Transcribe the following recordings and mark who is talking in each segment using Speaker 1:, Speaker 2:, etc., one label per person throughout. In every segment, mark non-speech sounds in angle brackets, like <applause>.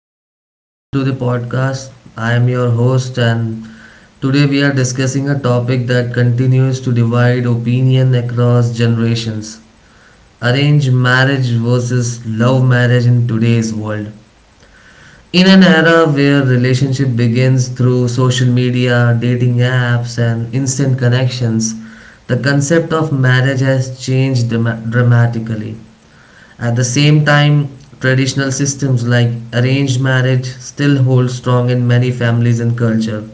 Speaker 1: and welcome to the podcast. I am your host, and today we are discussing a topic that continues to divide opinion across generations, arranged marriage versus love marriage in today's world. In an era where relationship begins through social media, dating apps, and instant connections, the concept of marriage has changed dramatically. At the same time, traditional systems like arranged marriage still hold strong in many families and culture.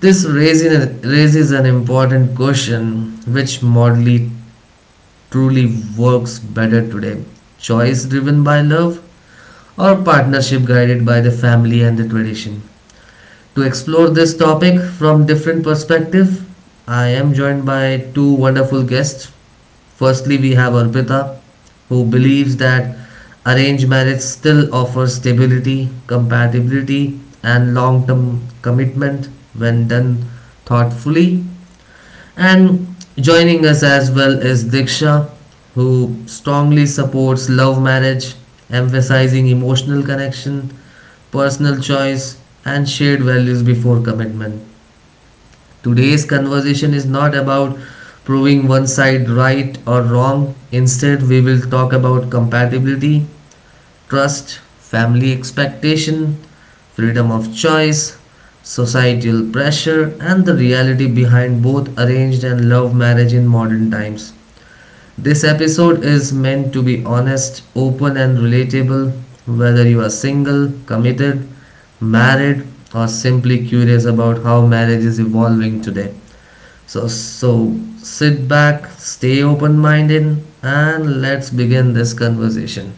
Speaker 1: This raises an important question: which model truly works better today? Choice driven by love, or partnership guided by the family and the tradition. To explore this topic from different perspective, I am joined by two wonderful guests. Firstly, we have Arpita, who believes that arranged marriage still offers stability, compatibility, and long term commitment when done thoughtfully. And joining us as well is Diksha, who strongly supports love marriage, emphasizing emotional connection, personal choice, and shared values before commitment. Today's conversation is not about proving one side right or wrong. Instead, we will talk about compatibility, trust, family expectation, freedom of choice, societal pressure, and the reality behind both arranged and love marriage in modern times. This episode is meant to be honest, open, and relatable, whether you are single, committed, married, or simply curious about how marriage is evolving today. So sit back, stay open minded, and let's begin this conversation.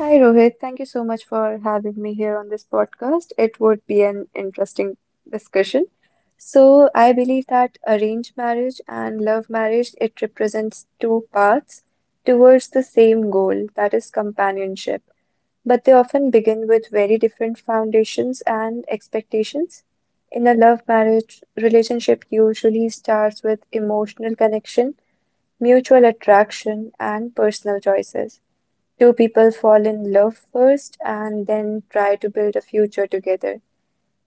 Speaker 2: Hi, Rohit. Thank you so much for having me here on this podcast. It would be an interesting discussion. So, I believe that arranged marriage and love marriage, it represents two paths towards the same goal, that is companionship. But they often begin with very different foundations and expectations. In a love marriage, relationship usually starts with emotional connection, mutual attraction, and personal choices. Two people fall in love first and then try to build a future together,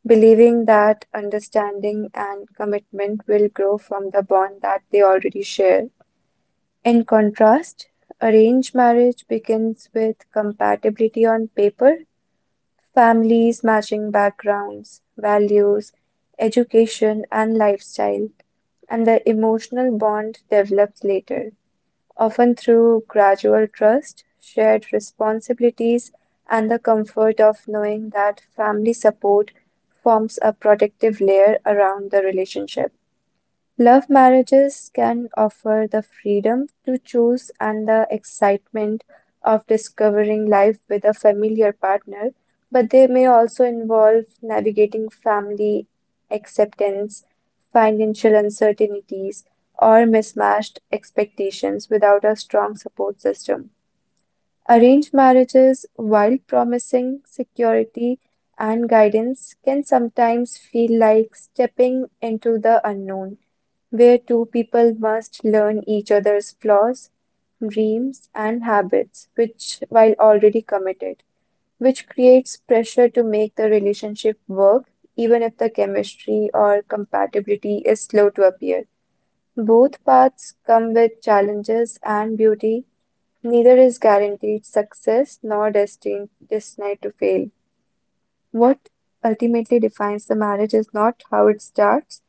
Speaker 2: believing that understanding and commitment will grow from the bond that they already share. In contrast, arranged marriage begins with compatibility on paper, families matching backgrounds, values, education, and lifestyle, and the emotional bond develops later often through gradual trust, shared responsibilities, and the comfort of knowing that family support forms a protective layer around the relationship. Love marriages can offer the freedom to choose and the excitement of discovering life with a familiar partner, but they may also involve navigating family acceptance, financial uncertainties, or mismatched expectations without a strong support system. Arranged marriages, while promising security and guidance, can sometimes feel like stepping into the unknown where two people must learn each other's flaws, dreams, and habits, which while already committed, which creates pressure to make the relationship work, even if the chemistry or compatibility is slow to appear. Both paths come with challenges and beauty. Neither is guaranteed success nor destined to fail. What ultimately defines the marriage is not how it starts,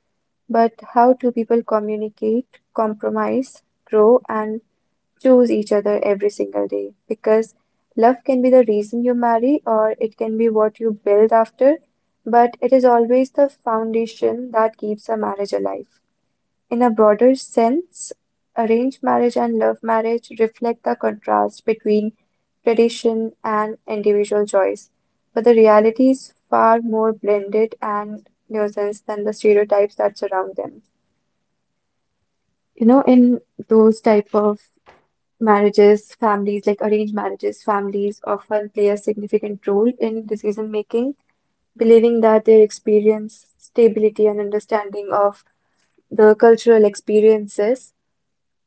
Speaker 2: but how two people communicate, compromise, grow, and choose each other every single day. Because love can be the reason you marry, or it can be what you build after, but it is always the foundation that keeps a marriage alive. In a broader sense, arranged marriage and love marriage reflect the contrast between tradition and individual choice, but the reality is far more blended and nuanced than the stereotypes that surround them. In those type of marriages, families like arranged marriages, families often play a significant role in decision making, believing that their experience, stability, and understanding of the cultural experiences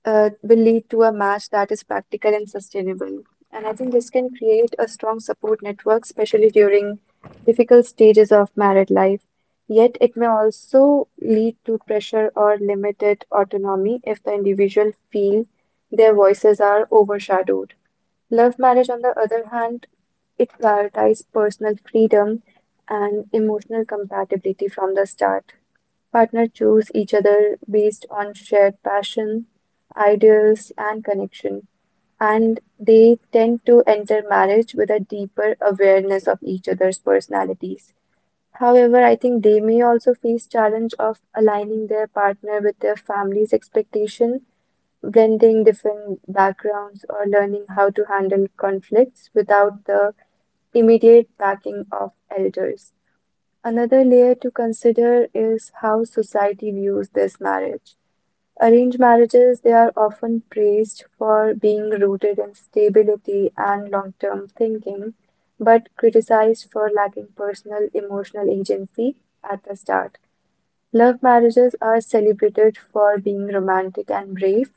Speaker 2: will lead to a match that is practical and sustainable. And I think this can create a strong support network, especially during difficult stages of married life. Yet, it may also lead to pressure or limited autonomy if the individual feel their voices are overshadowed. Love marriage, on the other hand, it prioritizes personal freedom and emotional compatibility from the start. Partners choose each other based on shared passion, ideals, and connection. And they tend to enter marriage with a deeper awareness of each other's personalities. However, I think they may also face challenge of aligning their partner with their family's expectation, blending different backgrounds or learning how to handle conflicts without the immediate backing of elders. Another layer to consider is how society views this marriage. Arranged marriages, they are often praised for being rooted in stability and long-term thinking, but criticized for lacking personal emotional agency at the start. Love marriages are celebrated for being romantic and brave,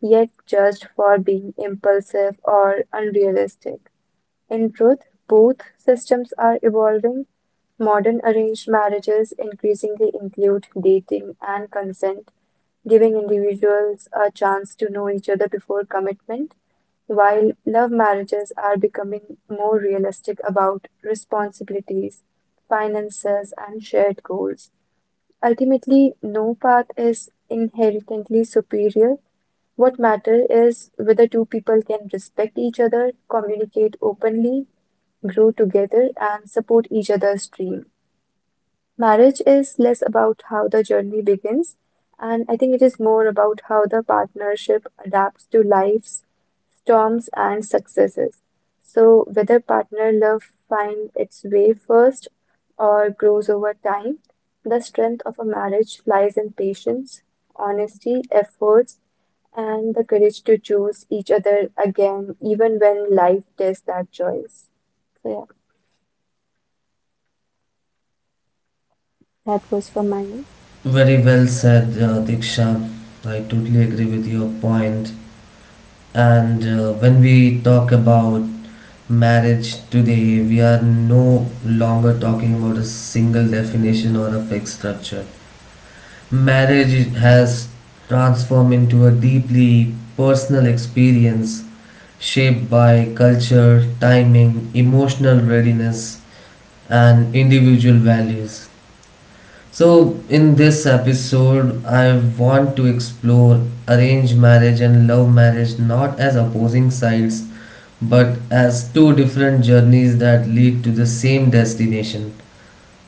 Speaker 2: yet judged for being impulsive or unrealistic. In truth, both systems are evolving. Modern arranged marriages increasingly include dating and consent, giving individuals a chance to know each other before commitment, while love marriages are becoming more realistic about responsibilities, finances, and shared goals. Ultimately, no path is inherently superior. What matters is whether two people can respect each other, communicate openly, grow together, and support each other's dreams. Marriage is less about how the journey begins, and I think it is more about how the partnership adapts to life's storms and successes. So, whether partner love finds its way first or grows over time, the strength of a marriage lies in patience, honesty, efforts, and the courage to choose each other again, even when life tests that choice. So, yeah, that was from my end.
Speaker 1: Very well said, Diksha. I totally agree with your point. And when we talk about marriage today, we are no longer talking about a single definition or a fixed structure. Marriage has transformed into a deeply personal experience shaped by culture, timing, emotional readiness, and individual values. So, in this episode, I want to explore arranged marriage and love marriage not as opposing sides but as two different journeys that lead to the same destination,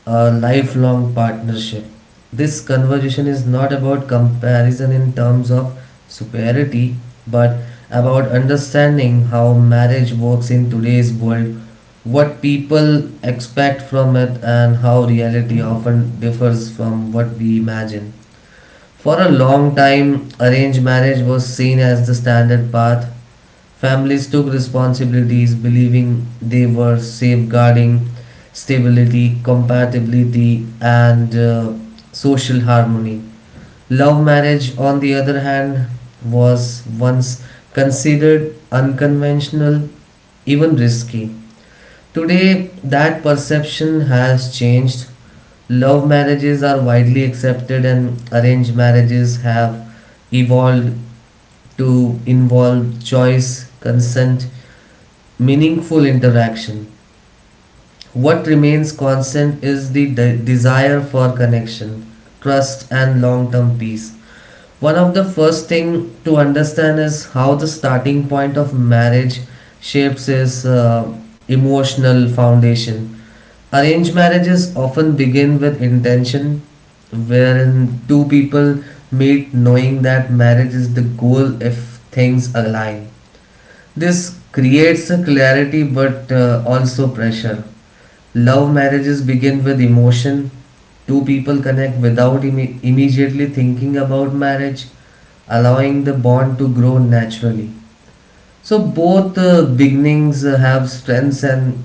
Speaker 1: a lifelong partnership. This conversation is not about comparison in terms of superiority, but about understanding how marriage works in today's world, what people expect from it, and how reality often differs from what we imagine. For a long time, arranged marriage was seen as the standard path. Families took responsibilities believing they were safeguarding stability, compatibility, and social harmony. Love marriage, on the other hand, was once considered unconventional, even risky. Today, that perception has changed. Love marriages are widely accepted, and arranged marriages have evolved to involve choice, consent, meaningful interaction. What remains constant is the desire for connection, trust, and long term peace. One of the first thing to understand is how the starting point of marriage shapes its emotional foundation. Arranged marriages often begin with intention, wherein two people meet knowing that marriage is the goal if things align. This creates a clarity but also pressure. Love marriages begin with emotion. Two people connect without immediately thinking about marriage, allowing the bond to grow naturally. So, both beginnings have strengths and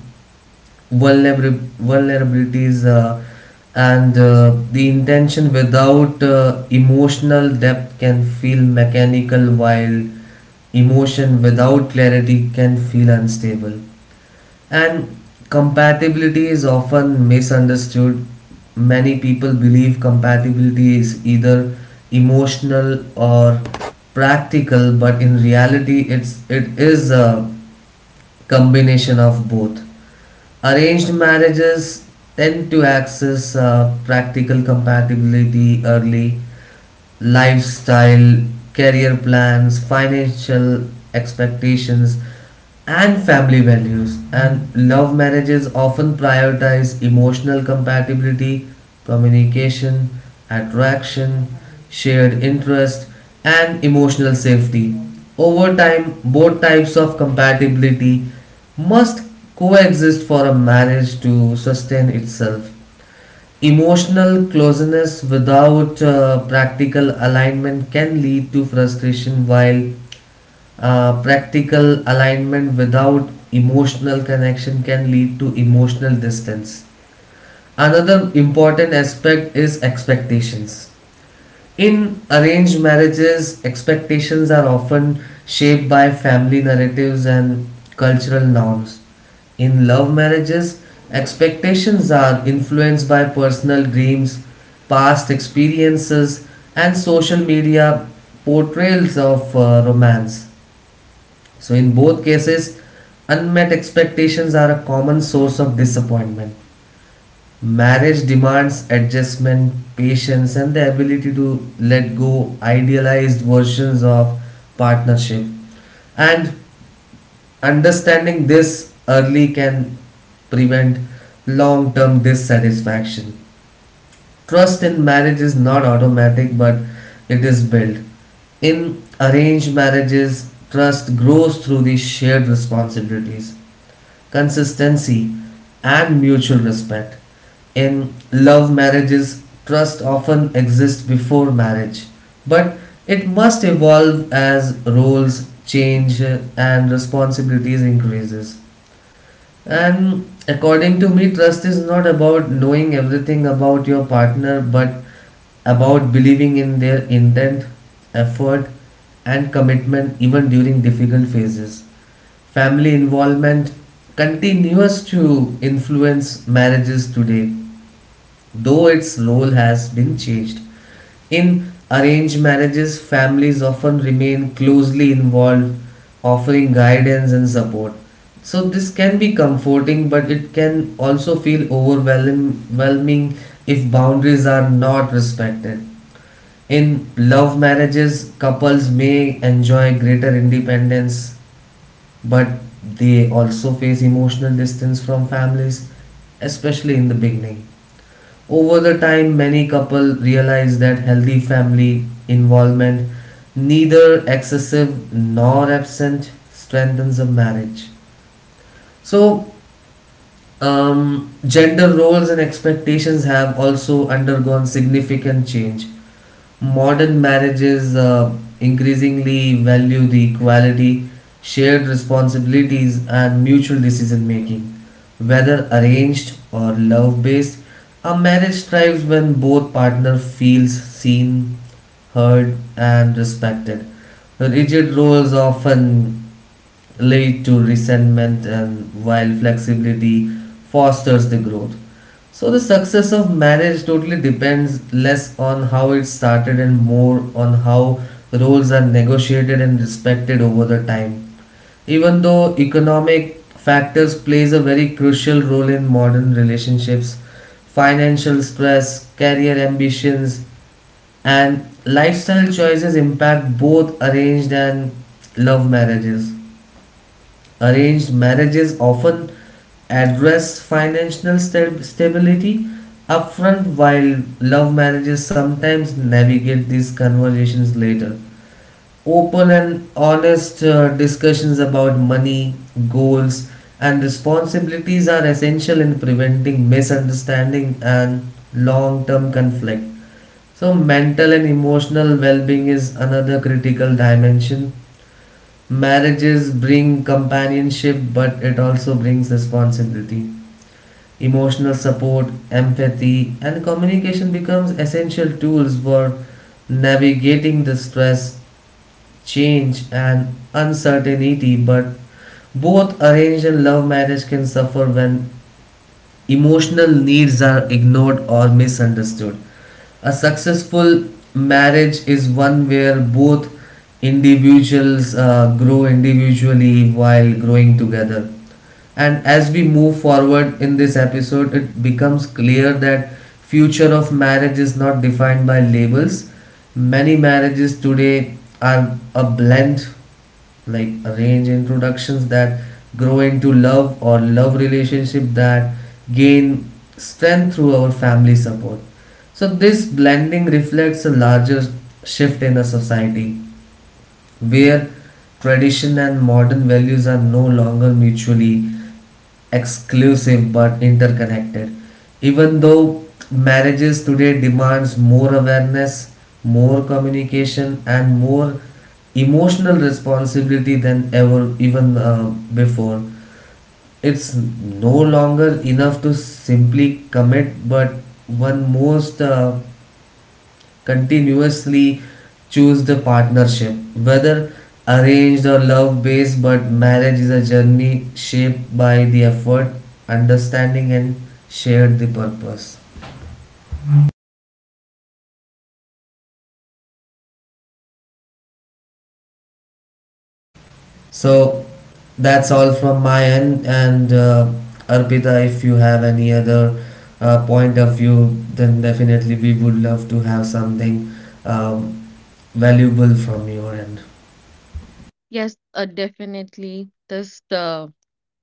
Speaker 1: vulnerabilities and the intention without emotional depth can feel mechanical, while emotion without clarity can feel unstable, and compatibility is often misunderstood. Many people believe compatibility is either emotional or practical, but in reality it is a combination of both. Arranged marriages tend to access practical compatibility early: lifestyle, career plans, financial expectations, and family values. And love marriages often prioritize emotional compatibility, communication, attraction, shared interest, and emotional safety. Over time, both types of compatibility must coexist for a marriage to sustain itself. Emotional closeness without practical alignment can lead to frustration, while practical alignment without emotional connection can lead to emotional distance. Another important aspect is expectations. In arranged marriages, expectations are often shaped by family narratives and cultural norms. In love marriages, expectations are influenced by personal dreams, past experiences, and social media portrayals of romance. So, in both cases, unmet expectations are a common source of disappointment. Marriage demands adjustment, patience, and the ability to let go idealized versions of partnership. And understanding this early can prevent long term dissatisfaction. Trust in marriage is not automatic, but it is built. In arranged marriages, trust grows through the shared responsibilities, consistency, and mutual respect. In love marriages, trust often exists before marriage, but it must evolve as roles change and responsibilities increases. And according to me, trust is not about knowing everything about your partner, but about believing in their intent, effort, and commitment even during difficult phases. Family involvement continues to influence marriages today. Though its role has been changed, in arranged marriages, families often remain closely involved, offering guidance and support. So, this can be comforting, but it can also feel overwhelming if boundaries are not respected. In love marriages, couples may enjoy greater independence, but they also face emotional distance from families, especially in the beginning. Over the time, many couples realize that healthy family involvement, neither excessive nor absent, strengthens a marriage. So, gender roles and expectations have also undergone significant change. Modern marriages increasingly value the equality, shared responsibilities, and mutual decision making. Whether arranged or love based, a marriage thrives when both partners feels seen, heard, and respected. Rigid roles often lead to resentment, and while flexibility fosters the growth, so the success of marriage totally depends less on how it started and more on how roles are negotiated and respected over the time. Even though economic factors plays a very crucial role in modern relationships, financial stress, career ambitions, and lifestyle choices impact both arranged and love marriages. Arranged marriages often address financial stability upfront, while love marriages sometimes navigate these conversations later. Open and honest discussions about money, goals, and responsibilities are essential in preventing misunderstanding and long term conflict. So, mental and emotional well being is another critical dimension. Marriages bring companionship, but it also brings responsibility. Emotional support, empathy, and communication becomes essential tools for navigating the stress, change, and uncertainty. But both arranged and love marriage can suffer when emotional needs are ignored or misunderstood. A successful marriage is one where both individuals grow individually while growing together. And as we move forward in this episode, it becomes clear that future of marriage is not defined by labels. Many marriages today are a blend, like arrange introductions that grow into love, or love relationship that gain strength through our family support. So this blending reflects a larger shift in a society where tradition and modern values are no longer mutually exclusive but interconnected. Even though marriages today demands more awareness, more communication, and more emotional responsibility than ever even before, it's no longer enough to simply commit, but one most continuously choose the partnership. Whether arranged or love based, but marriage is a journey shaped by the effort, understanding, and shared the purpose. So that's all from my end. And Arpita, if you have any other point of view, then definitely we would love to have something um, valuable from your end.
Speaker 3: Yes, definitely. This the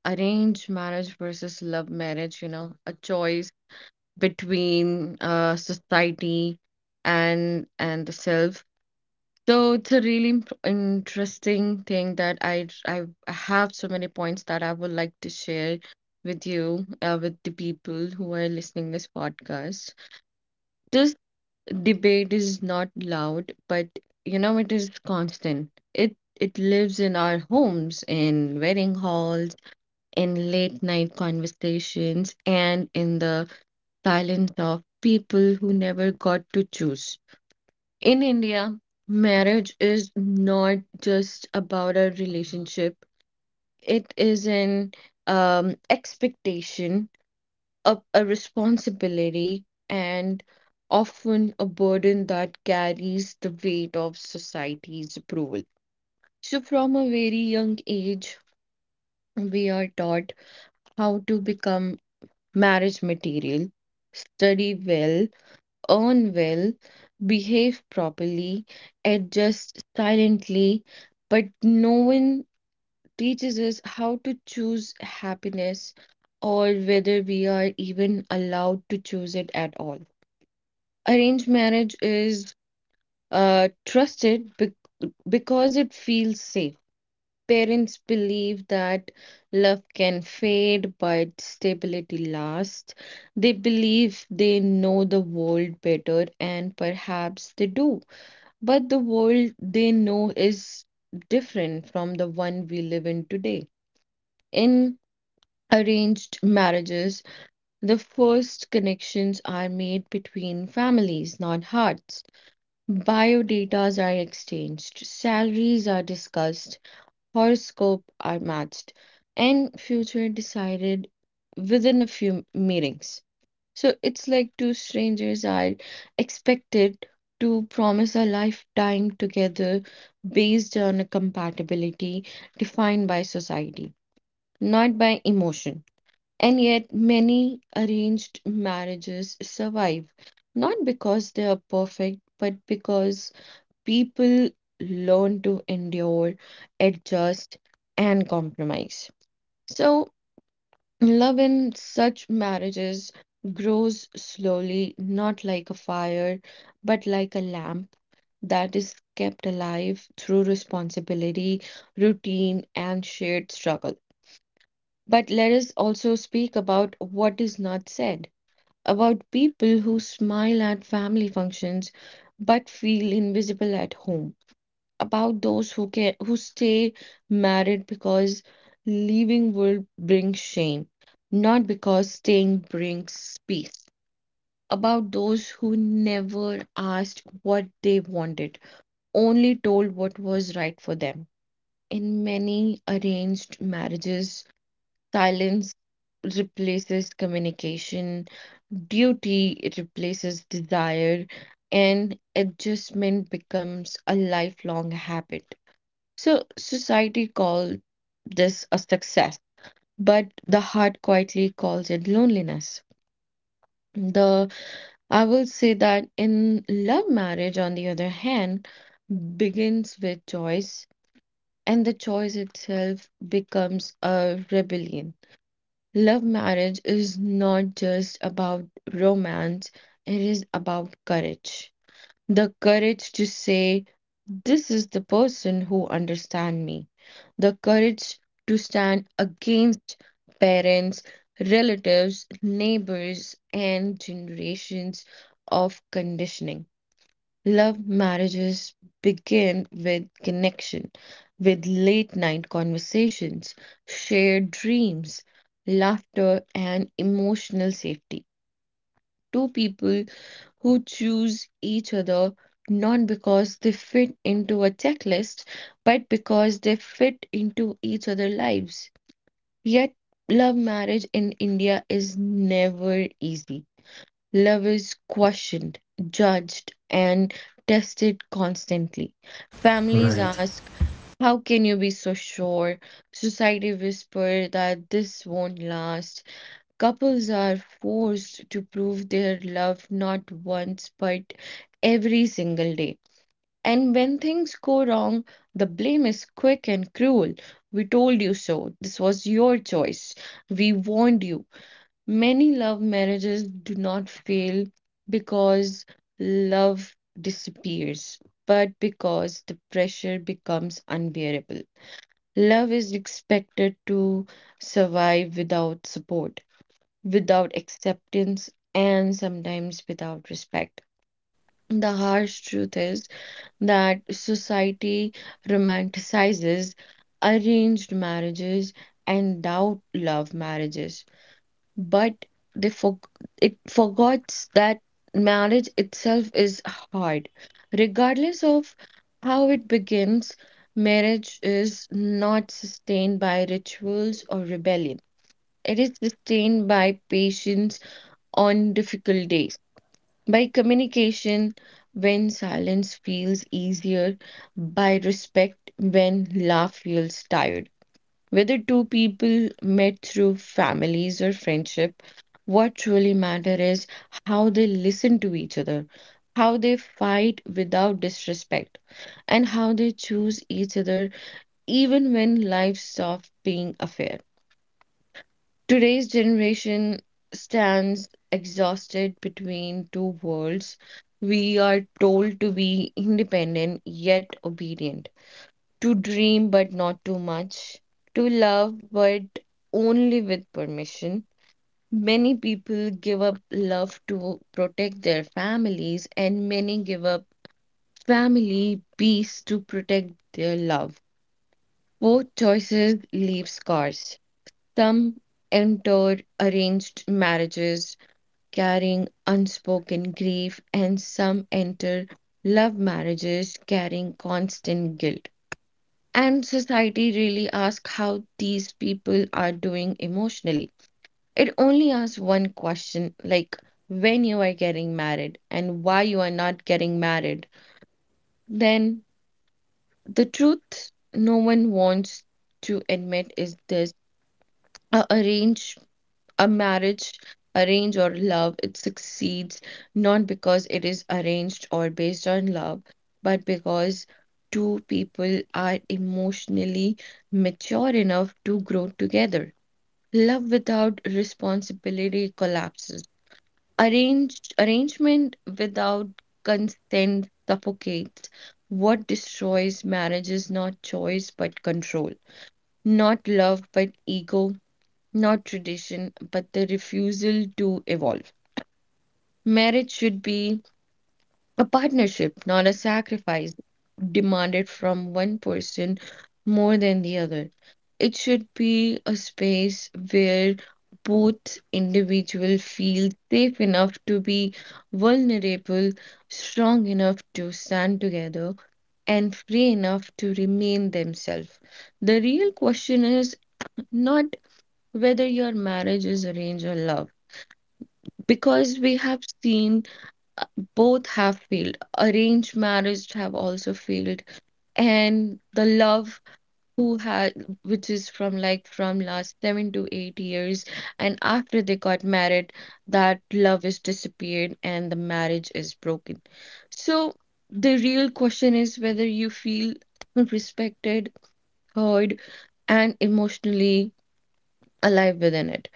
Speaker 3: arranged marriage versus love marriage, you know, a choice between society and the self. So it's a really interesting thing that I have so many points that I would like to share with you, with the people who are listening this podcast. This debate is not loud, but you know it is constant. It lives in our homes, in wedding halls, in late night conversations, and in the silence of people who never got to choose. In India, marriage is not just about a relationship. It is an expectation, a responsibility, and often a burden that carries the weight of society's approval. So, from a very young age, we are taught how to become marriage material, study well, earn well, behave properly, adjust silently, but no one teaches us how to choose happiness or whether we are even allowed to choose it at all. Arranged marriage is trusted because it feels safe. Parents believe that love can fade, but stability lasts. They believe they know the world better, and perhaps they do. But the world they know is different from the one we live in today. In arranged marriages, the first connections are made between families, not hearts. Biodatas are exchanged, salaries are discussed, horoscopes are matched, and future decided within a few meetings. So it's like two strangers are expected to promise a lifetime together based on a compatibility defined by society, not by emotion. And yet, many arranged marriages survive, not because they are perfect, but because people learn to endure, adjust, and compromise. So, love in such marriages grows slowly, not like a fire, but like a lamp that is kept alive through responsibility, routine, and shared struggle. But let us also speak about what is not said, about people who smile at family functions but feel invisible at home, about those who stay married because leaving will bring shame, not because staying brings peace. About those who never asked what they wanted, only told what was right for them. In many arranged marriages, silence replaces communication, duty replaces desire, and adjustment becomes a lifelong habit. So society calls this a success, but the heart quietly calls it loneliness. The I will say that in love marriage, on the other hand, begins with choice, and the choice itself becomes a rebellion. Love marriage is not just about romance, it is about courage. The courage to say, "This is the person who understands me." The courage to stand against parents, relatives, neighbors, and generations of conditioning. Love marriages begin with connection, with late night conversations, shared dreams, laughter, and emotional safety. Two people who choose each other not because they fit into a checklist, but because they fit into each other's lives. Yet, love marriage in India is never easy. Love is questioned, judged, and tested constantly. Families
Speaker 1: Right,
Speaker 3: ask, "How can you be so sure?" Society whispers that this won't last. Couples are forced to prove their love not once but every single day. And when things go wrong, the blame is quick and cruel. "We told you so. This was your choice. We warned you." Many love marriages do not fail because love disappears, but because the pressure becomes unbearable. Love is expected to survive without support, without acceptance, and sometimes without respect. The harsh truth is that society romanticizes arranged marriages and doubt love marriages, but they for- it forgets that marriage itself is hard. Regardless of how it begins, marriage is not sustained by rituals or rebellion. It is sustained by patience on difficult days. By communication, when silence feels easier, by respect, when love feels tired. Whether two people met through families or friendship, what truly matters is how they listen to each other, how they fight without disrespect, and how they choose each other even when life stops being a fair. Today's generation stands exhausted between two worlds. We are told to be independent yet obedient, to dream but not too much, to love but only with permission. Many people give up love to protect their families, and many give up family peace to protect their love. Both choices leave scars. Some enter arranged marriages carrying unspoken grief, and some enter love marriages carrying constant guilt. And society really asks how these people are doing emotionally. It only asks one question like when you are getting married and why you are not getting married. Then the truth no one wants to admit is this. A arranged a marriage, arrange or love, it succeeds not because it is arranged or based on love, but because two people are emotionally mature enough to grow together. Love without responsibility collapses. Arranged arrangement without consent suffocates. What destroys marriage is not choice but control, not love but ego, not tradition, but the refusal to evolve. Marriage should be a partnership, not a sacrifice demanded from one person more than the other. It should be a space where both individuals feel safe enough to be vulnerable, strong enough to stand together, and free enough to remain themselves. The real question is not whether your marriage is arranged or love, because we have seen, uh, both have failed, arranged marriage have also failed, and the love who had, which is from like from last 7 to 8 years, and after they got married that love is disappeared and the marriage is broken. So the real question is whether you feel respected, heard, and emotionally alive within it,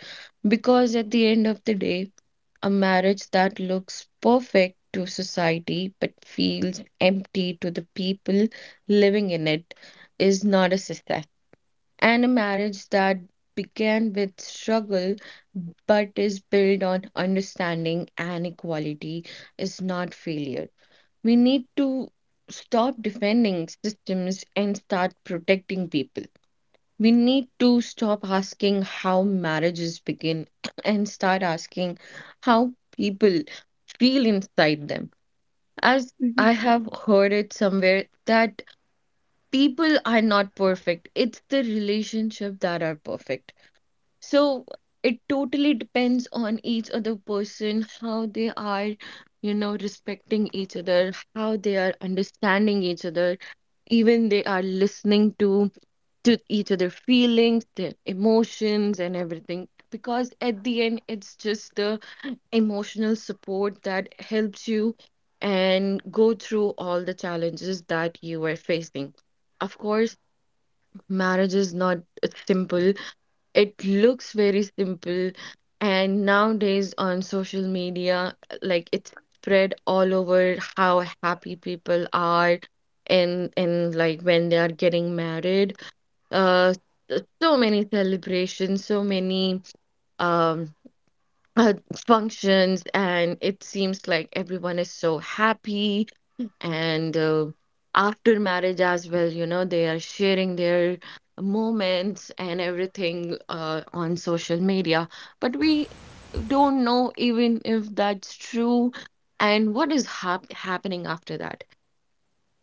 Speaker 3: because at the end of the day, a marriage that looks perfect to society but feels empty to the people living in it is not a success. And a marriage that began with struggle but is built on understanding and equality is not failure. We need to stop defending systems and start protecting people. We need to stop asking how marriages begin <clears throat> and start asking how people feel inside them. As
Speaker 2: Mm-hmm.
Speaker 3: I have heard it somewhere that people are not perfect, it's the relationship that are perfect. So it totally depends on each other person, how they are, you know, respecting each other, how they are understanding each other, even they are listening to each other feelings, their emotions and everything, because at the end it's just the emotional support that helps you and go through all the challenges that you are facing. Of course, marriage is not simple. It looks very simple, and nowadays on social media, like, it's spread all over how happy people are in like when they are getting married, uh, so many celebrations, so many um, uh, functions, and it seems like everyone is so happy. And after marriage as well, you know, they are sharing their moments and everything on social media. But we don't know even if that's true and what is happening after that.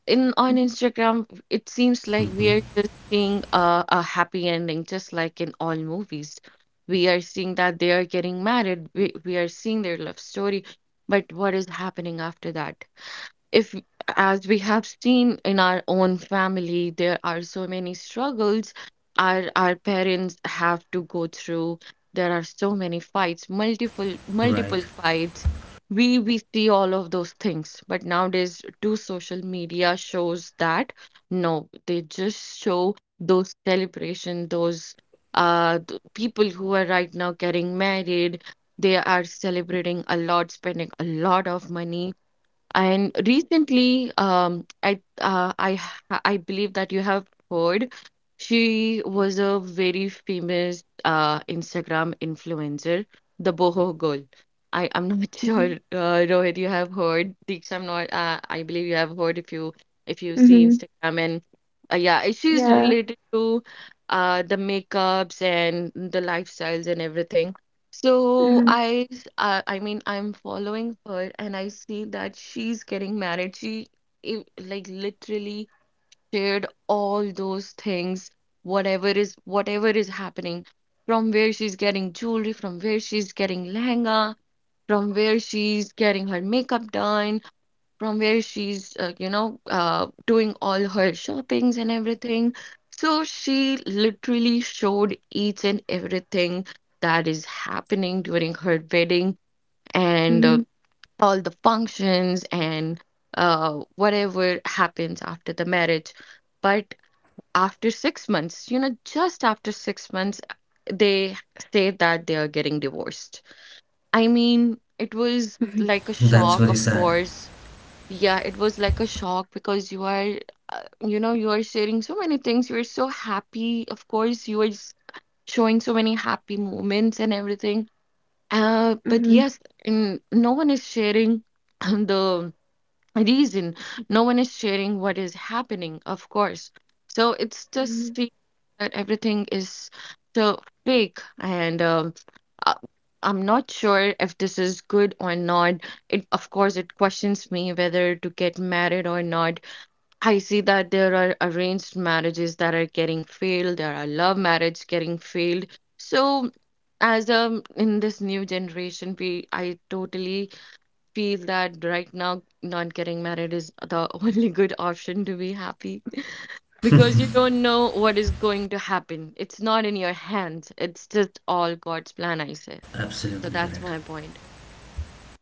Speaker 3: In on Instagram, it seems like we are just seeing a happy ending, just like in all movies. We are seeing that they are getting married. We are seeing their love story. But what is happening after that? If, as we have seen in our own family, there are so many struggles our parents have to go through, there are so many fights, multiple
Speaker 1: right.
Speaker 3: fights. We see all of those things, but nowadays too social media shows that, no, they just show those celebration, those people who are right now getting married. They are celebrating a lot, spending a lot of money. And recently, I, I believe that you have heard, she was a very famous Instagram influencer, the boho girl. I'm not <laughs> sure,
Speaker 2: Mm-hmm.
Speaker 3: Rohit, you have heard. Deeksha, I'm not. I believe you have heard if you see
Speaker 2: Mm-hmm.
Speaker 3: Instagram and yeah, she's
Speaker 2: Yeah.
Speaker 3: related to the makeups and the lifestyles and everything. So
Speaker 2: Mhm.
Speaker 3: I mean, I'm following her and I see that she's getting married. She, like, literally shared all those things, whatever is happening, from where she's getting jewelry, from where she's getting lehenga, from where she's getting her makeup done, from where she's you know, doing all her shoppings and everything. So she literally showed each and everything that is happening during her wedding and
Speaker 2: Mhm.
Speaker 3: all the functions and whatever happens after the marriage. But after 6 months, you know, just after 6 months, they say that they are getting divorced. I mean, it was
Speaker 2: Mhm.
Speaker 3: like a
Speaker 1: That's
Speaker 3: shock,
Speaker 1: very
Speaker 3: of
Speaker 1: sad.
Speaker 3: course. Yeah, it was like a shock because you are, you know, you are sharing so many things. You're so happy. Of course, you are showing so many happy moments and everything. But
Speaker 2: Mhm.
Speaker 3: yes, and no one is sharing <clears throat> the reason. No one is sharing what is happening, of course. So it's just
Speaker 2: Mhm.
Speaker 3: seems that everything is so fake. And uh, I'm not sure if this is good or not. It, of course, it questions me whether to get married or not. I see that there are arranged marriages that are getting failed, there are love marriage getting failed. So, as in this new generation, we I totally feel that right now not getting married is the <laughs> only good option to be happy <laughs> because you don't know what is going to happen. It's not in your hands. It's just all God's plan, I say. So
Speaker 1: Absolutely
Speaker 3: that's
Speaker 1: correct.
Speaker 3: my point.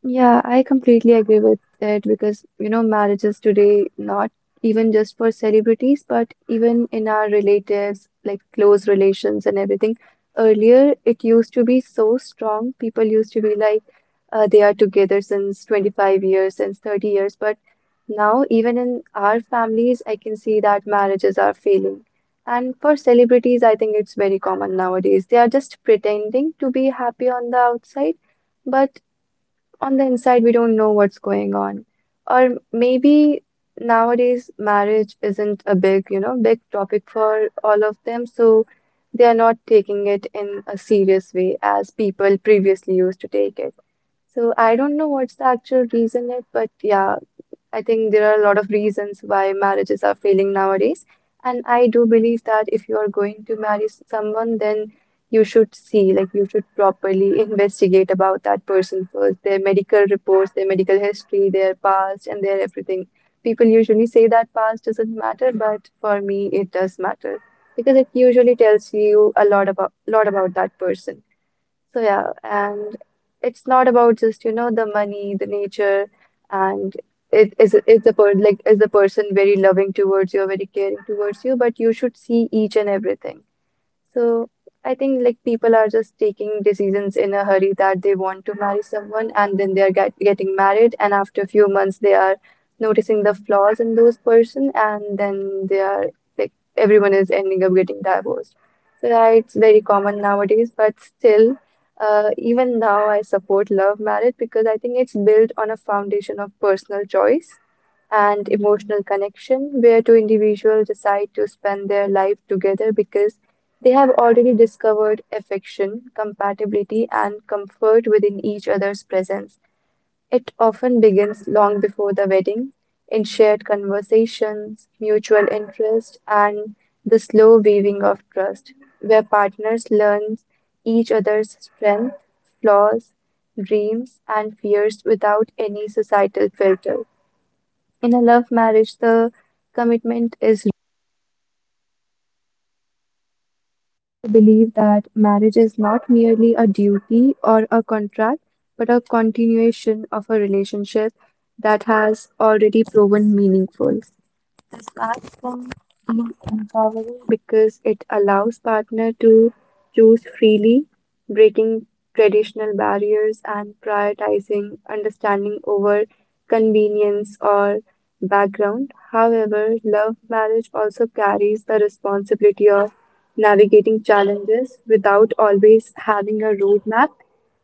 Speaker 2: Yeah, I completely agree with it because marriages today, not even just for celebrities, but even in our relatives, like close relations and everything. Earlier, it used to be so strong. People used to be like, they are together since 25 years, since 30 years. But now, even in our families, I can see that marriages are failing. And for celebrities, I think it's very common nowadays. They are just pretending to be happy on the outside. But on the inside, we don't know what's going on. Or maybe nowadays marriage isn't a big topic for all of them, so they are not taking it in a serious way as people previously used to take it. So I don't know what's the actual reason it, but yeah, I think there are a lot of reasons why marriages are failing nowadays. And I do believe that if you are going to marry someone, then you should see, like, you should properly investigate about that person first, their medical reports, their medical history, their past, and their everything. People usually say that past doesn't matter, but for me, it does matter because it usually tells you a lot about that person. So yeah, and it's not about just the money, the nature, and it is the per like is the person very loving towards you, or very caring towards you, but you should see each and everything. So I think like people are just taking decisions in a hurry that they want to marry someone and then they are getting married and after a few months they are noticing the flaws in those person and then they are like everyone is ending up getting divorced. So yeah, it's very common nowadays, but still, even now I support love marriage because I think it's built on a foundation of personal choice and emotional connection where two individuals decide to spend their life together because they have already discovered affection, compatibility, and comfort within each other's presence. It often begins long before the wedding, in shared conversations, mutual interest, and the slow weaving of trust, where partners learn each other's strengths, flaws, dreams, and fears without any societal filter. In a love marriage, the commitment is believe that marriage is not merely a duty or a contract, but a continuation of a relationship that has already proven meaningful. This platform is empowering because it allows partner to choose freely, breaking traditional barriers and prioritizing understanding over convenience or background. However, love marriage also carries the responsibility of navigating challenges without always having a roadmap,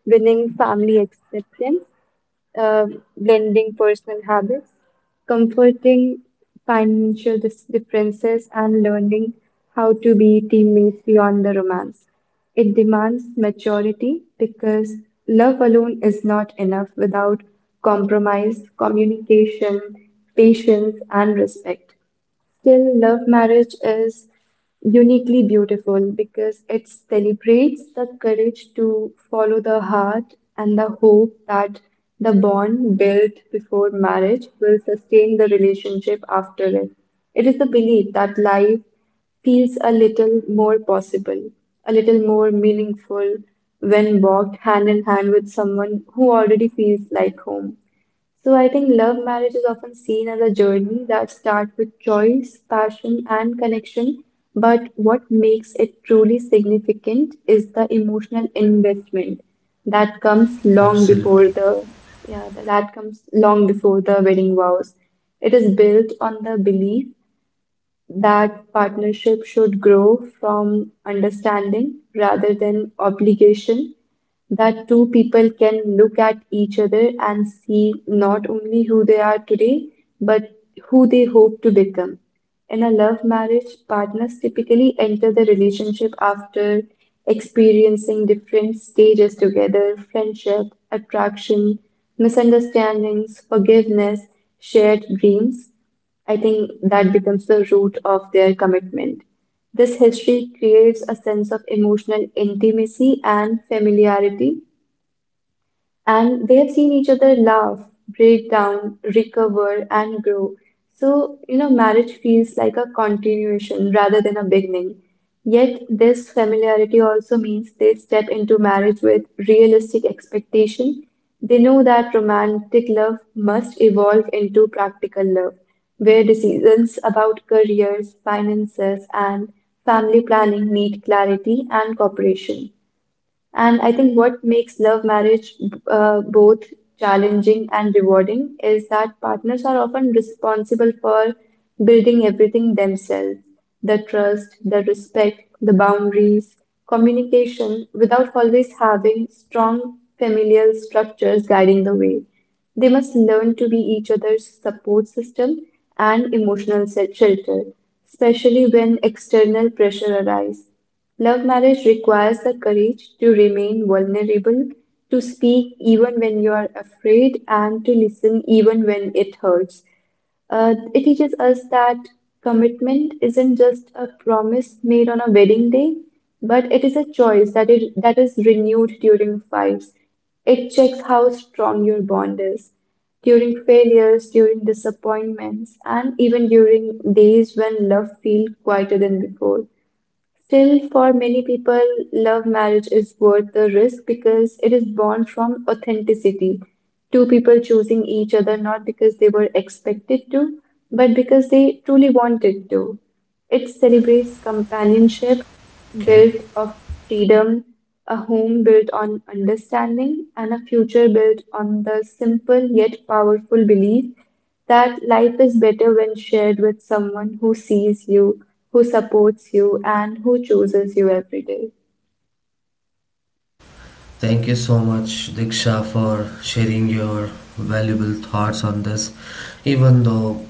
Speaker 2: winning family acceptance uh, blending personal habits, comforting financial differences, and learning how to be teammates beyond the romance. It demands maturity because love alone is not enough without compromise, communication, patience, and respect. Still, love marriage is uniquely beautiful because it celebrates the courage to follow the heart and the hope that the bond built before marriage will sustain the relationship after it. It is the belief that life feels a little more possible, a little more meaningful when walked hand in hand with someone who already feels like home. So I think love marriage is often seen as a journey that starts with choice, passion, and connection. But what makes it truly significant is the emotional investment that comes long
Speaker 1: Absolutely.
Speaker 2: before the yeah that comes long before the wedding vows. It is built on the belief that partnership should grow from understanding rather than obligation, that two people can look at each other and see not only who they are today, but who they hope to become. In a love marriage, partners typically enter the relationship after experiencing different stages together friendship, attraction, misunderstandings, forgiveness, shared dreams. I think that becomes the root of their commitment. This history creates a sense of emotional intimacy and familiarity and they have seen each other laugh, break down, recover, and grow. So, marriage feels like a continuation rather than a beginning. Yet, this familiarity also means they step into marriage with realistic expectation. They know that romantic love must evolve into practical love, where decisions about careers, finances, and family planning need clarity and cooperation. And I think what makes love marriage both challenging and rewarding is that partners are often responsible for building everything themselves, the trust, the respect, the boundaries, communication, without always having strong familial structures guiding the way. They must learn to be each other's support system and emotional shelter, especially when external pressure arises. Love marriage requires the courage to remain vulnerable, to speak even when you are afraid, and to listen even when it hurts. It teaches us that commitment isn't just a promise made on a wedding day, but it is a choice that is renewed during fights. It checks how strong your bond is during failures, during disappointments, and even during days when love feels quieter than before. Still, for many people, love marriage is worth the risk because it is born from authenticity. Two people choosing each other not because they were expected to, but because they truly wanted to. It celebrates companionship
Speaker 1: Okay.
Speaker 2: built of freedom, a home built on understanding, and a future built on the simple yet powerful belief that life is better when shared with someone who sees you, who supports you, and who chooses you every day.
Speaker 1: Thank you so much, Diksha, for sharing your valuable thoughts on this. Even though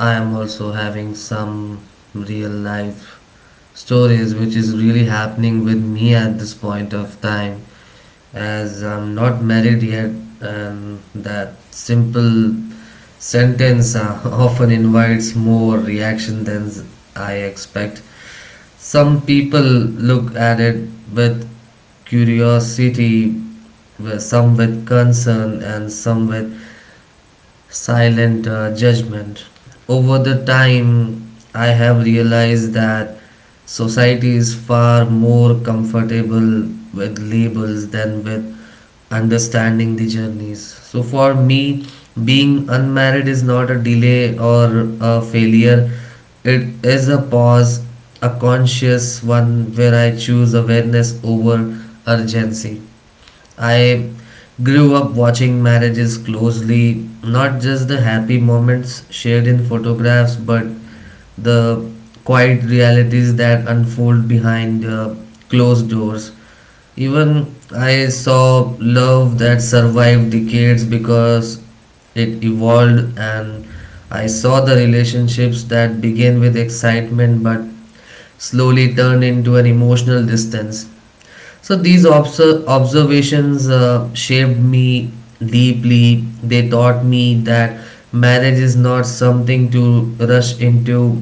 Speaker 1: I am also having some real life stories which is really happening with me at this point of time, as I'm not married yet, and that simple sentence <laughs> often invites more reaction than I expected. Some people look at it with curiosity, some with concern, and some with silent judgment. Over the time, I have realized that society is far more comfortable with labels than with understanding the journeys. So for me, being unmarried is not a delay or a failure. It is a pause, a conscious one where I choose awareness over urgency. I grew up watching marriages closely, not just the happy moments shared in photographs, but the quiet realities that unfold behind closed doors. Even I saw love that survived decades because it evolved, and I saw the relationships that began with excitement but slowly turned into an emotional distance. So these observations shaped me deeply. They taught me that marriage is not something to rush into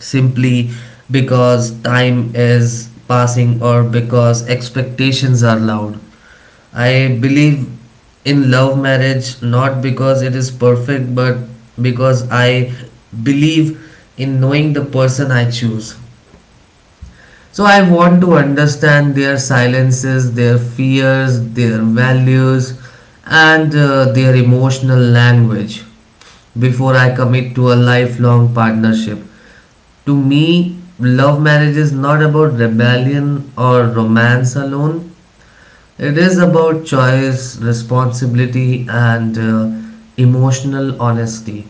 Speaker 1: simply because time is passing or because expectations are loud. I believe in love marriage not because it is perfect but because I believe in knowing the person I choose. So I want to understand their silences, their fears, their values, and their emotional language before I commit to a lifelong partnership. To me, love marriage is not about rebellion or romance alone, it is about choice, responsibility, and emotional honesty.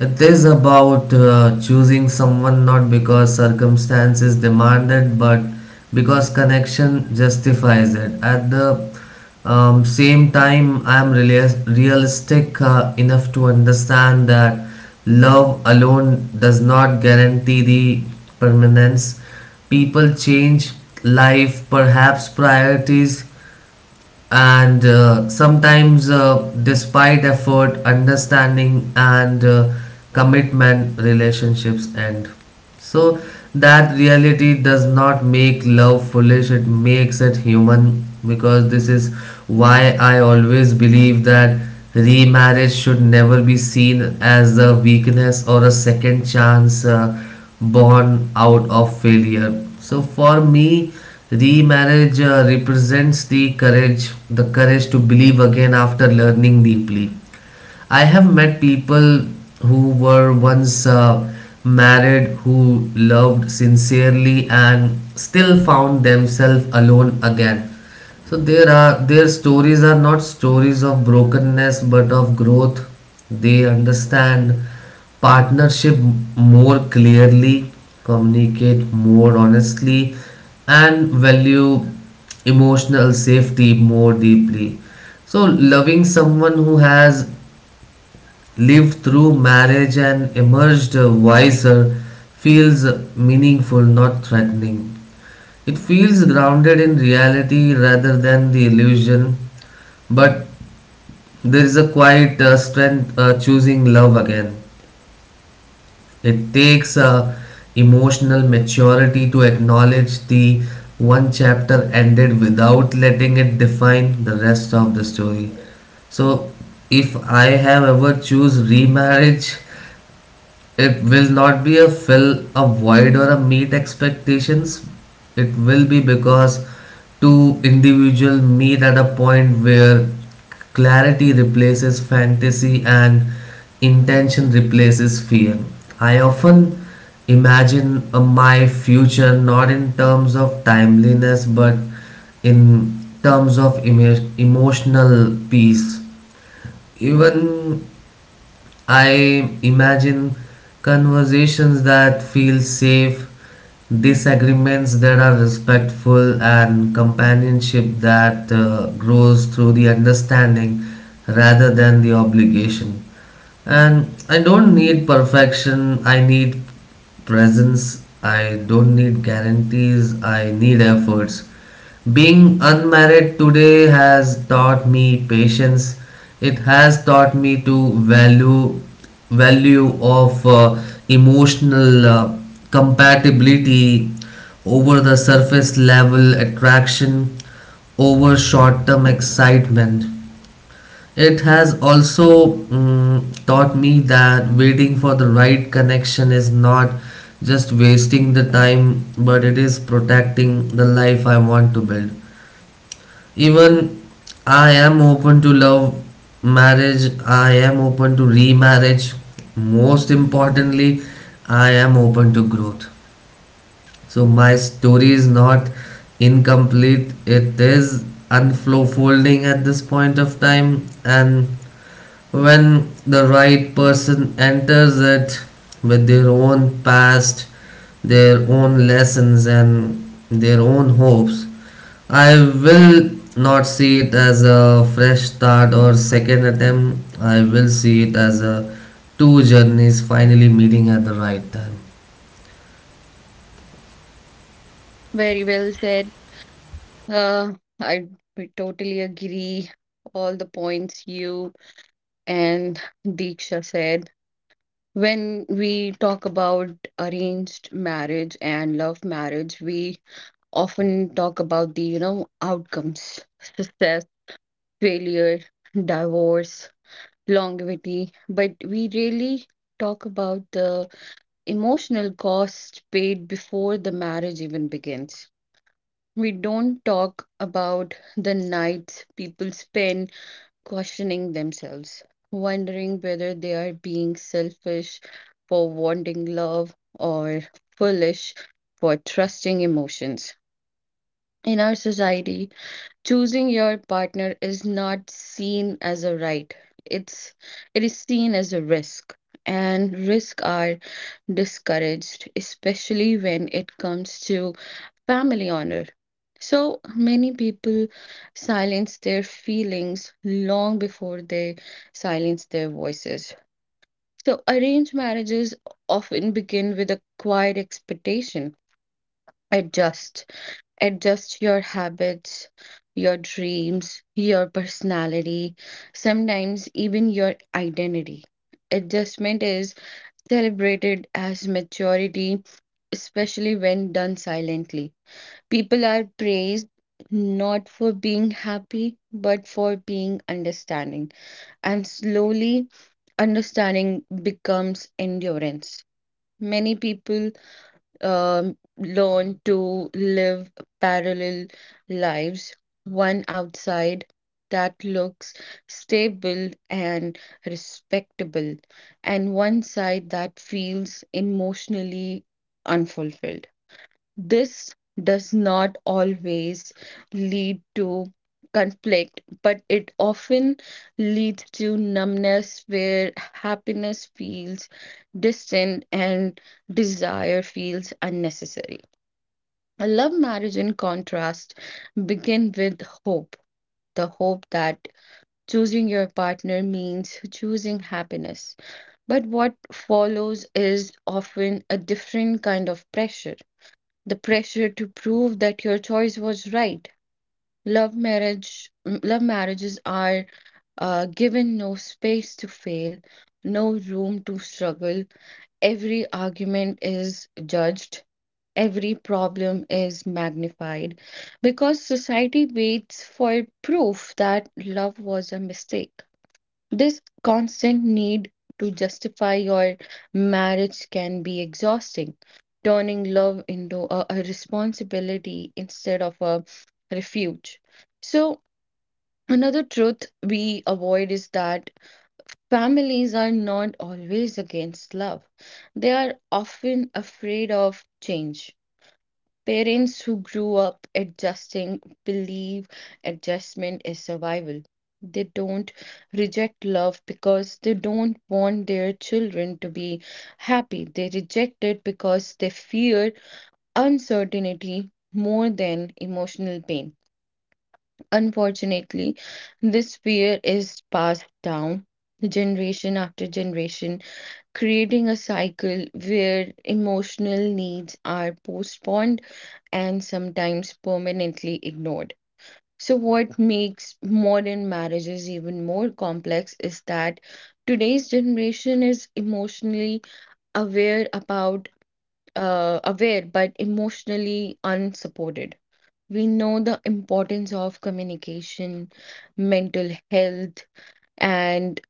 Speaker 1: It is about choosing someone not because circumstances demand it, but because connection justifies it. At the same time, I am realistic enough to understand that love alone does not guarantee the permanence. People change, life, perhaps priorities, and sometimes, despite effort, understanding, and commitment, relationships end. So that reality does not make love foolish, it makes it human, because this is why I always believe that remarriage should never be seen as a weakness or a second chance born out of failure. So for me, remarriage represents the courage to believe again after learning deeply. I have met people who were once married, who loved sincerely and still found themselves alone again. So there are their stories are not stories of brokenness but of growth. They understand partnership more clearly, communicate more honestly, and value emotional safety more deeply. So, loving someone who has lived through marriage and emerged wiser feels meaningful, not threatening. It feels grounded in reality rather than the illusion, but there is a quiet strength choosing love again. It takes a emotional maturity to acknowledge the one chapter ended without letting it define the rest of the story. So if I have ever choose remarriage, it will not be a fill a void or a meet expectations. It will be because two individuals meet at a point where clarity replaces fantasy and intention replaces fear. I often imagine my future not in terms of timeliness but in terms of emotional peace. Even I imagine conversations that feel safe, disagreements that are respectful, and companionship that grows through the understanding rather than the obligation. And I don't need perfection, I need presence. I don't need guarantees, I need efforts. Being unmarried today has taught me patience. It has taught me to value of emotional compatibility over the surface level attraction, over short term excitement. It has also taught me that waiting for the right connection is not just wasting the time, but it is protecting the life I want to build. Even I am open to love marriage, I am open to remarriage. Most importantly, I am open to growth. So my story is not incomplete, it is unfolding at this point of time, and when the right person enters it with their own past, their own lessons, and their own hopes, I will not see it as a fresh start or second attempt. I will see it as a two journeys finally meeting at the right time.
Speaker 3: Very well said. Uh, I we totally agree all the points you and Deeksha said. When we talk about arranged marriage and love marriage, we often talk about the, you know, outcomes, success, failure, divorce, longevity, but we really talk about the emotional cost paid before the marriage even begins. We don't talk about the nights people spend questioning themselves, wondering whether they are being selfish for wanting love or foolish for trusting emotions. In our society, choosing your partner is not seen as a right. It's it is seen as a risk. And risks are discouraged, especially when it comes to family honor. So many people silence their feelings long before they silence their voices. So arranged marriages often begin with a quiet expectation. Adjust adjust your habits, your dreams, your personality, sometimes even your identity. Adjustment is celebrated as maturity, especially when done silently. People are praised not for being happy, but for being understanding. And slowly, understanding becomes endurance. Many people learn to live parallel lives, one outside that looks stable and respectable, and one side that feels emotionally unfulfilled. This does not always lead to conflict, but it often leads to numbness where happiness feels distant and desire feels unnecessary. A love marriage, in contrast, begin with hope, the hope that choosing your partner means choosing happiness. But what follows is often a different kind of pressure. The pressure to prove that your choice was right. Love marriages are given no space to fail, no room to struggle. Every argument is judged, every problem is magnified because society waits for proof that love was a mistake. This constant need to justify your marriage can be exhausting, turning love into a responsibility instead of a refuge. So, another truth we avoid is that families are not always against love, they are often afraid of change. Parents who grew up adjusting believe adjustment is survival. They don't reject love because they don't want their children to be happy. They reject it because they fear uncertainty more than emotional pain. Unfortunately, this fear is passed down generation after generation, creating a cycle where emotional needs are postponed and sometimes permanently ignored. So, what makes modern marriages even more complex is that today's generation is emotionally aware about aware but emotionally unsupported. We know the importance of communication, mental health, and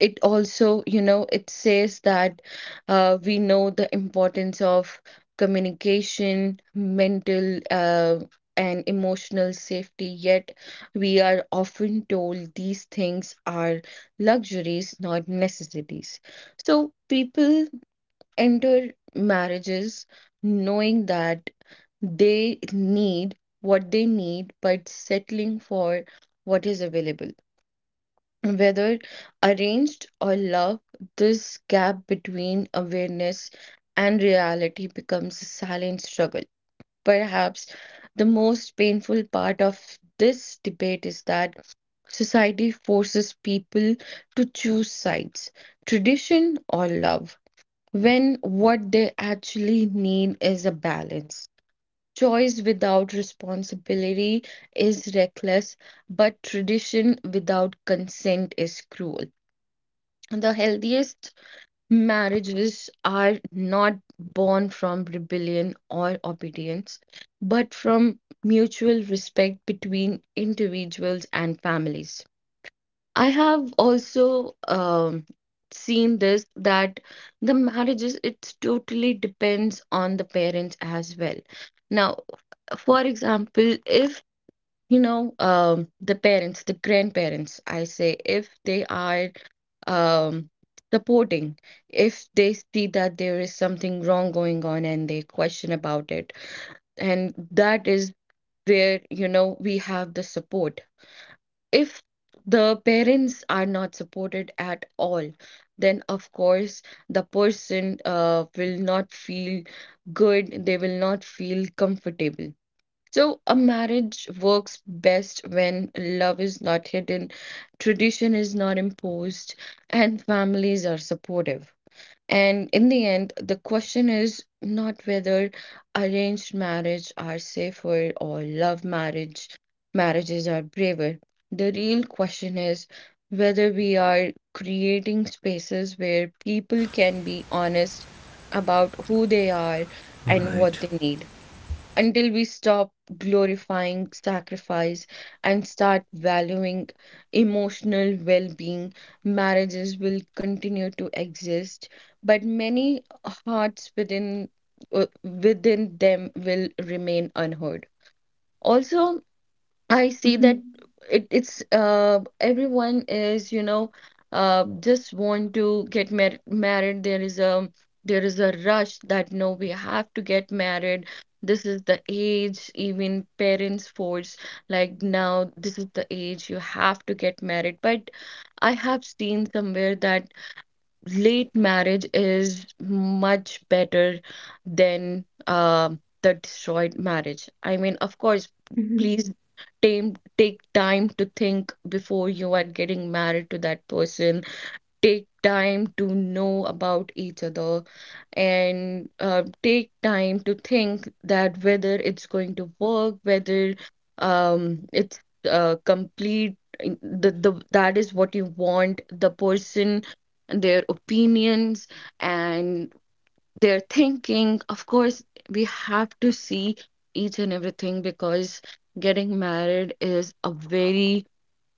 Speaker 3: it also, you know, it says that we know the importance of communication, mental, and emotional safety, yet we are often told these things are luxuries, not necessities. So people enter marriages knowing that they need what they need, but settling for what is available. Whether arranged or love, this gap between awareness and reality becomes a silent struggle. Perhaps the most painful part of this debate is that society forces people to choose sides, tradition or love, when what they actually need is a balance. Choice without responsibility is reckless, but tradition without consent is cruel. The healthiest marriages are not born from rebellion or obedience, but from mutual respect between individuals and families. I have also seen this that the marriages, it totally depends on the parents as well. Now, for example, if you know the parents the grandparents I say if they are um supporting if they see that there is something wrong going on and they question about it and that is where you know we have the support if the parents are not supported at all then of course the person will not feel good they will not feel comfortable so, a marriage works best when love is not hidden, tradition is not imposed, and families are supportive. And in the end, the question is not whether arranged marriage are safer or love marriage marriages are braver. The real question is whether we are creating spaces where people can be honest about who they are and what
Speaker 1: Right.
Speaker 3: they need until we stop glorifying sacrifice and start valuing emotional well being, marriages will continue to exist, but many hearts within them will remain unheard. Also, I see that
Speaker 2: Mhm,
Speaker 3: it's everyone is you know just want to get married. There is a rush that no, we have to get married. This is the age. Even parents force like now this is the age you have to get married. But I have seen somewhere that late marriage is much better than the destroyed marriage. I mean, of course, please
Speaker 2: mhm.
Speaker 3: take time to think before you are getting married to that person take time to know about each other and take time to think that whether it's going to work, whether it's complete, in- the that is what you want, the person, their opinions and their thinking. Of course, we have to see each and everything because getting married is a very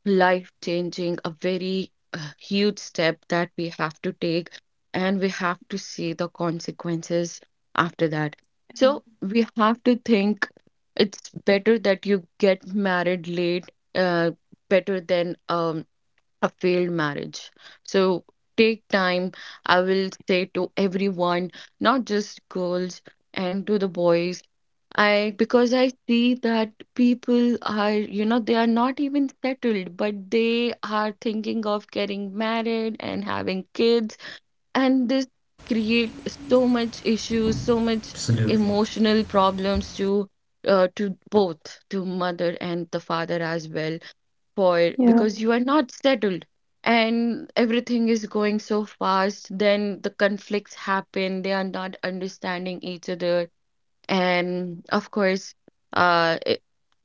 Speaker 3: life changing, a very huge step that we have to take, and we have to see the consequences after that. So we have to think it's better that you get married late, uh, better than a failed marriage. So take time, I will say to everyone, not just girls and to the boys. I because I see that people are, you know, they are not even settled, but they are thinking of getting married and having kids, and this create so much issues, so much
Speaker 1: Absolutely.
Speaker 3: emotional problems to both to mother and the father as well spoiled
Speaker 2: Yeah.
Speaker 3: because you are not settled and everything is going so fast. Then the conflicts happen, they are not understanding each other. And of course, uh,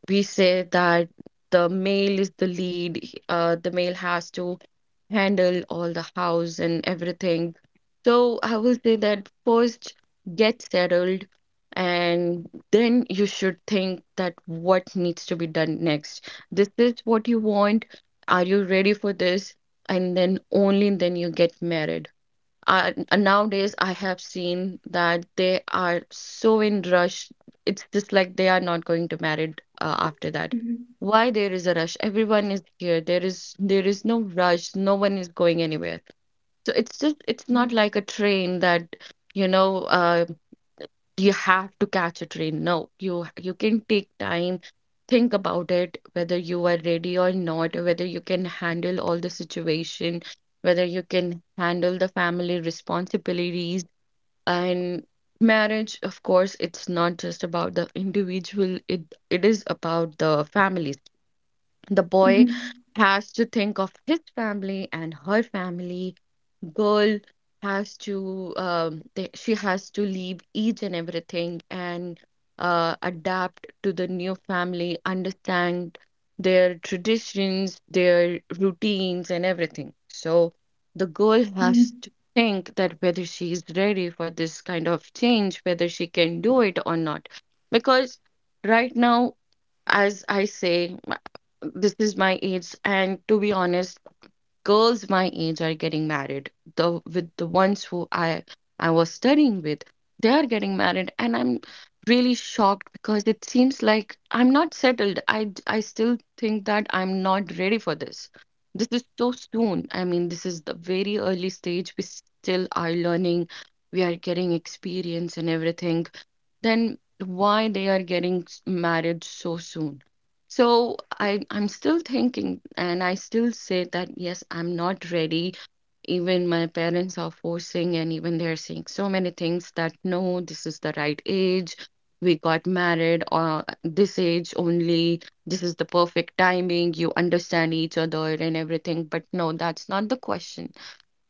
Speaker 3: we say that the male is the lead, the male has to handle all the house and everything. So I will say that first get settled and then you should think that what needs to be done next. This is what you want. Are you ready for this? And then only then you get married nowadays I have seen that they are so in rush it's just like they are not going to married after that
Speaker 2: Mhm,
Speaker 3: why there is a rush everyone is here there is no rush no one is going anywhere so it's not
Speaker 2: mhm,
Speaker 3: like a train that you know you have to catch a train. No, you can take time, think about it, whether you are ready or not, whether you can handle all the situation, whether you can handle the family responsibilities. And marriage, of course, it's not just about the individual, it is about the families. The boy
Speaker 2: mhm,
Speaker 3: has to think of his family and her family. Girl has to she has to leave each and everything and adapt to the new family, understand their traditions, their routines, and everything. So the girl
Speaker 2: mhm.
Speaker 3: has to think that whether she is ready for this kind of change, whether she can do it or not, because right now as I say, this is my age, and to be honest, girls my age are getting married. The With the ones who I was studying with, they are getting married, and I'm really shocked because it seems like I'm not settled. I still think that I'm not ready for this. This is so soon. I mean, this is the very early stage. We still are learning. We are getting experience and everything. Then why they are getting married so soon? So I'm still thinking, and I still say that yes, I'm not ready. Even my parents are forcing, and even they're saying so many things that no, this is the right age. We got married or this age only. This is the perfect timing. You understand each other and everything. But no, that's not the question.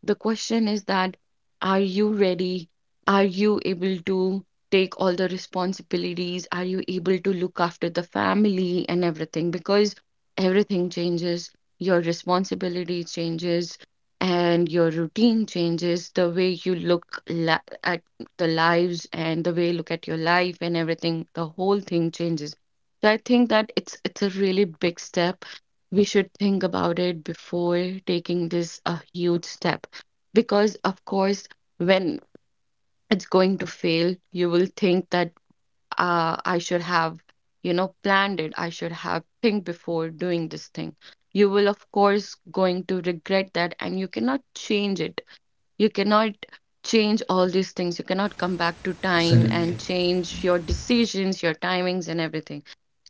Speaker 3: The question is that are you ready? Are you able to take all the responsibilities? Are you able to look after the family and everything? Because everything changes, your responsibility changes, and your routine changes, the way you look la at the lives and the way you look at your life and everything, the whole thing changes. So I think that it's a really big step. We should think about it before taking this a huge step. Because, of course, when it's going to fail, you will think that I should have, you know, planned it. I should have think before doing this thing. You will, of course, going to regret that, and you cannot change it. You cannot change all these things. You cannot come back to time and
Speaker 1: Absolutely.
Speaker 3: change your decisions, your timings, and everything.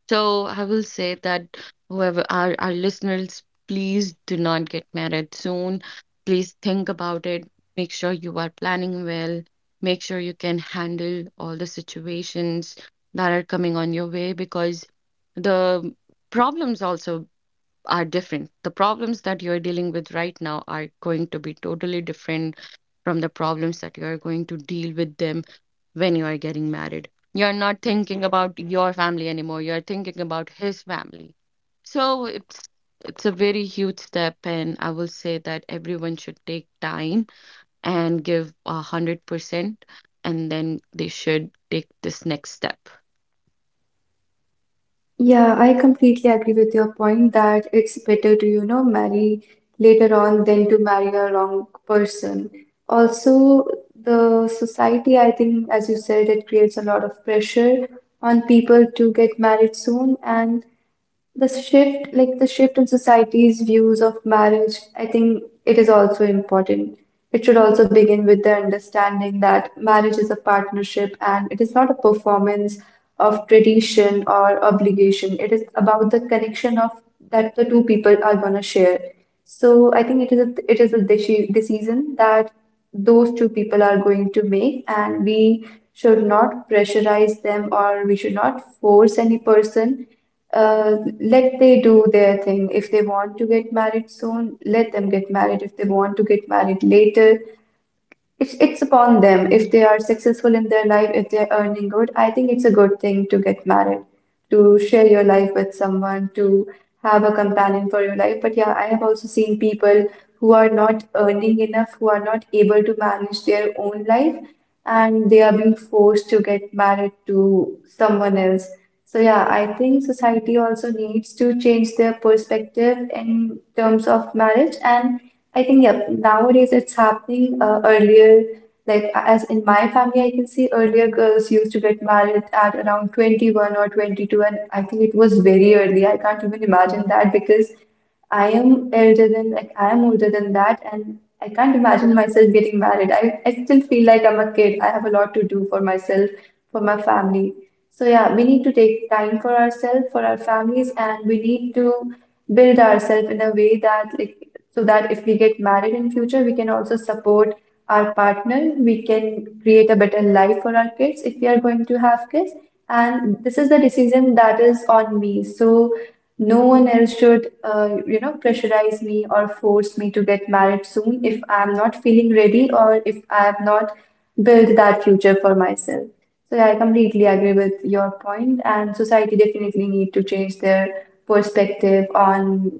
Speaker 3: So I will say that whoever our listeners, please do not get married soon. Please think about it. Make sure you are planning well. Make sure you can handle all the situations that are coming on your way because the problems also are different. The problems that you're dealing with right now are going to be totally different from the problems that you are going to deal with them when you are getting married. You're not thinking about your family anymore. You're thinking about his family. So it's a very huge step, and I will say that everyone should take time and give 100%, and then they should take this next step.
Speaker 2: Yeah, I completely agree with your point that it's better to, marry later on than to marry a wrong person. Also, the society, I think, as you said, it creates a lot of pressure on people to get married soon, and the shift in society's views of marriage, I think it is also important. It should also begin with the understanding that marriage is a partnership and it is not a performance of tradition or obligation. It is about the connection of that the two people are going to share. So I think it is it is a decision that those two people are going to make, and we should not pressurize them or we should not force any person. Let they do their thing. If they want to get married soon, let them get married. If they want to get married later, it's upon them. If they are successful in their life, if they're earning good, I think it's a good thing to get married, to share your life with someone, to have a companion for your life. But yeah, I have also seen people who are not earning enough, who are not able to manage their own life, and they are being forced to get married to someone else. So yeah, I think society also needs to change their perspective in terms of marriage, and I think, yeah, nowadays it's happening earlier. Like, as in my family, I can see earlier girls used to get married at around 21 or 22, and I think it was very early. I can't even imagine that because I am older than that, and I can't imagine myself getting married. I still feel like I'm a kid. I have a lot to do for myself, for my family. So yeah, we need to take time for ourselves, for our families, and we need to build ourselves in a way that so that if we get married in future, we can also support our partner. We can create a better life for our kids if we are going to have kids. And this is the decision that is on me. So no one else should, pressurize me or force me to get married soon if I'm not feeling ready or if I have not built that future for myself. So yeah, I completely agree with your point, and society definitely need to change their perspective on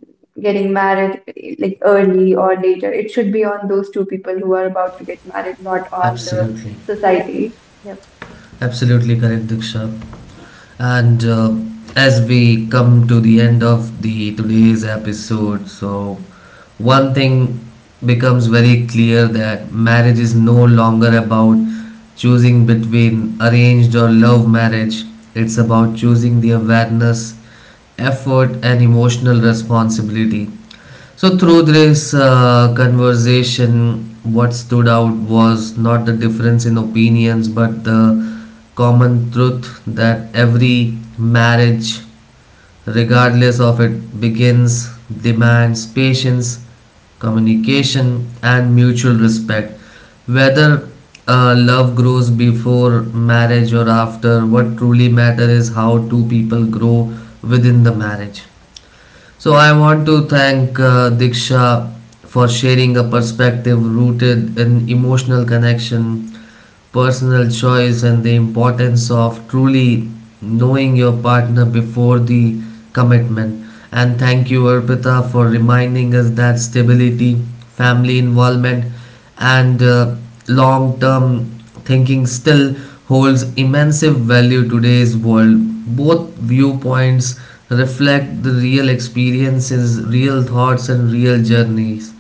Speaker 2: getting married like early or later. It should be on those two people who are about to get married, not on the
Speaker 1: Absolutely.
Speaker 2: society. Yep.
Speaker 1: Absolutely correct, Diksha. And as we come to the end of the today's episode, so one thing becomes very clear, that marriage is no longer about choosing between arranged or love marriage. It's about choosing the awareness, effort, and emotional responsibility. So through this conversation, what stood out was not the difference in opinions, but the common truth that every marriage, regardless of it begins, demands patience, communication, and mutual respect. Whether love grows before marriage or after, what truly matters is how two people grow within the marriage. So I want to thank Diksha for sharing a perspective rooted in emotional connection, personal choice, and the importance of truly knowing your partner before the commitment. And thank you, Arpita, for reminding us that stability, family involvement, and long term thinking still holds immense value in today's world. Both viewpoints reflect the real experiences, real thoughts, and real journeys.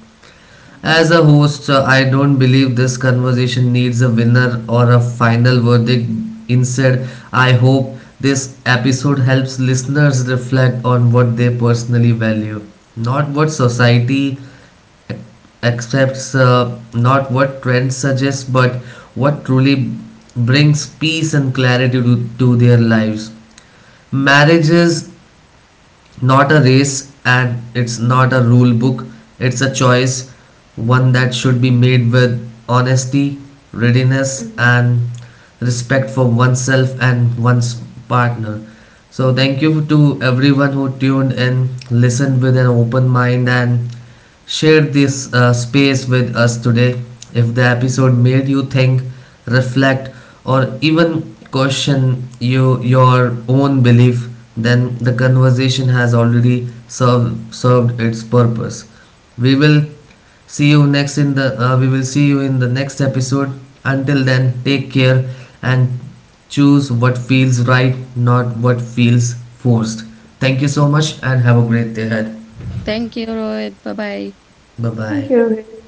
Speaker 1: As a host, I don't believe this conversation needs a winner or a final verdict. Instead, I hope this episode helps listeners reflect on what they personally value, not what society accepts, not what trends suggest, but what truly brings peace and clarity to their lives. Marriages not a race, and it's not a rule book, it's a choice, one that should be made with honesty, readiness,
Speaker 2: Mhm.
Speaker 1: and respect for oneself and one's partner. So thank you to everyone who tuned in, listened with an open mind, and shared this space with us today. If the episode made you think, reflect, or even question your own belief, then the conversation has already served its purpose. We will we will see you in the next episode. Until then, take care and choose what feels right, not what feels forced. Thank you so much and have a great day ahead.
Speaker 3: Thank you, Rohit. Bye bye.
Speaker 1: Bye
Speaker 2: Thank
Speaker 1: bye.
Speaker 2: you,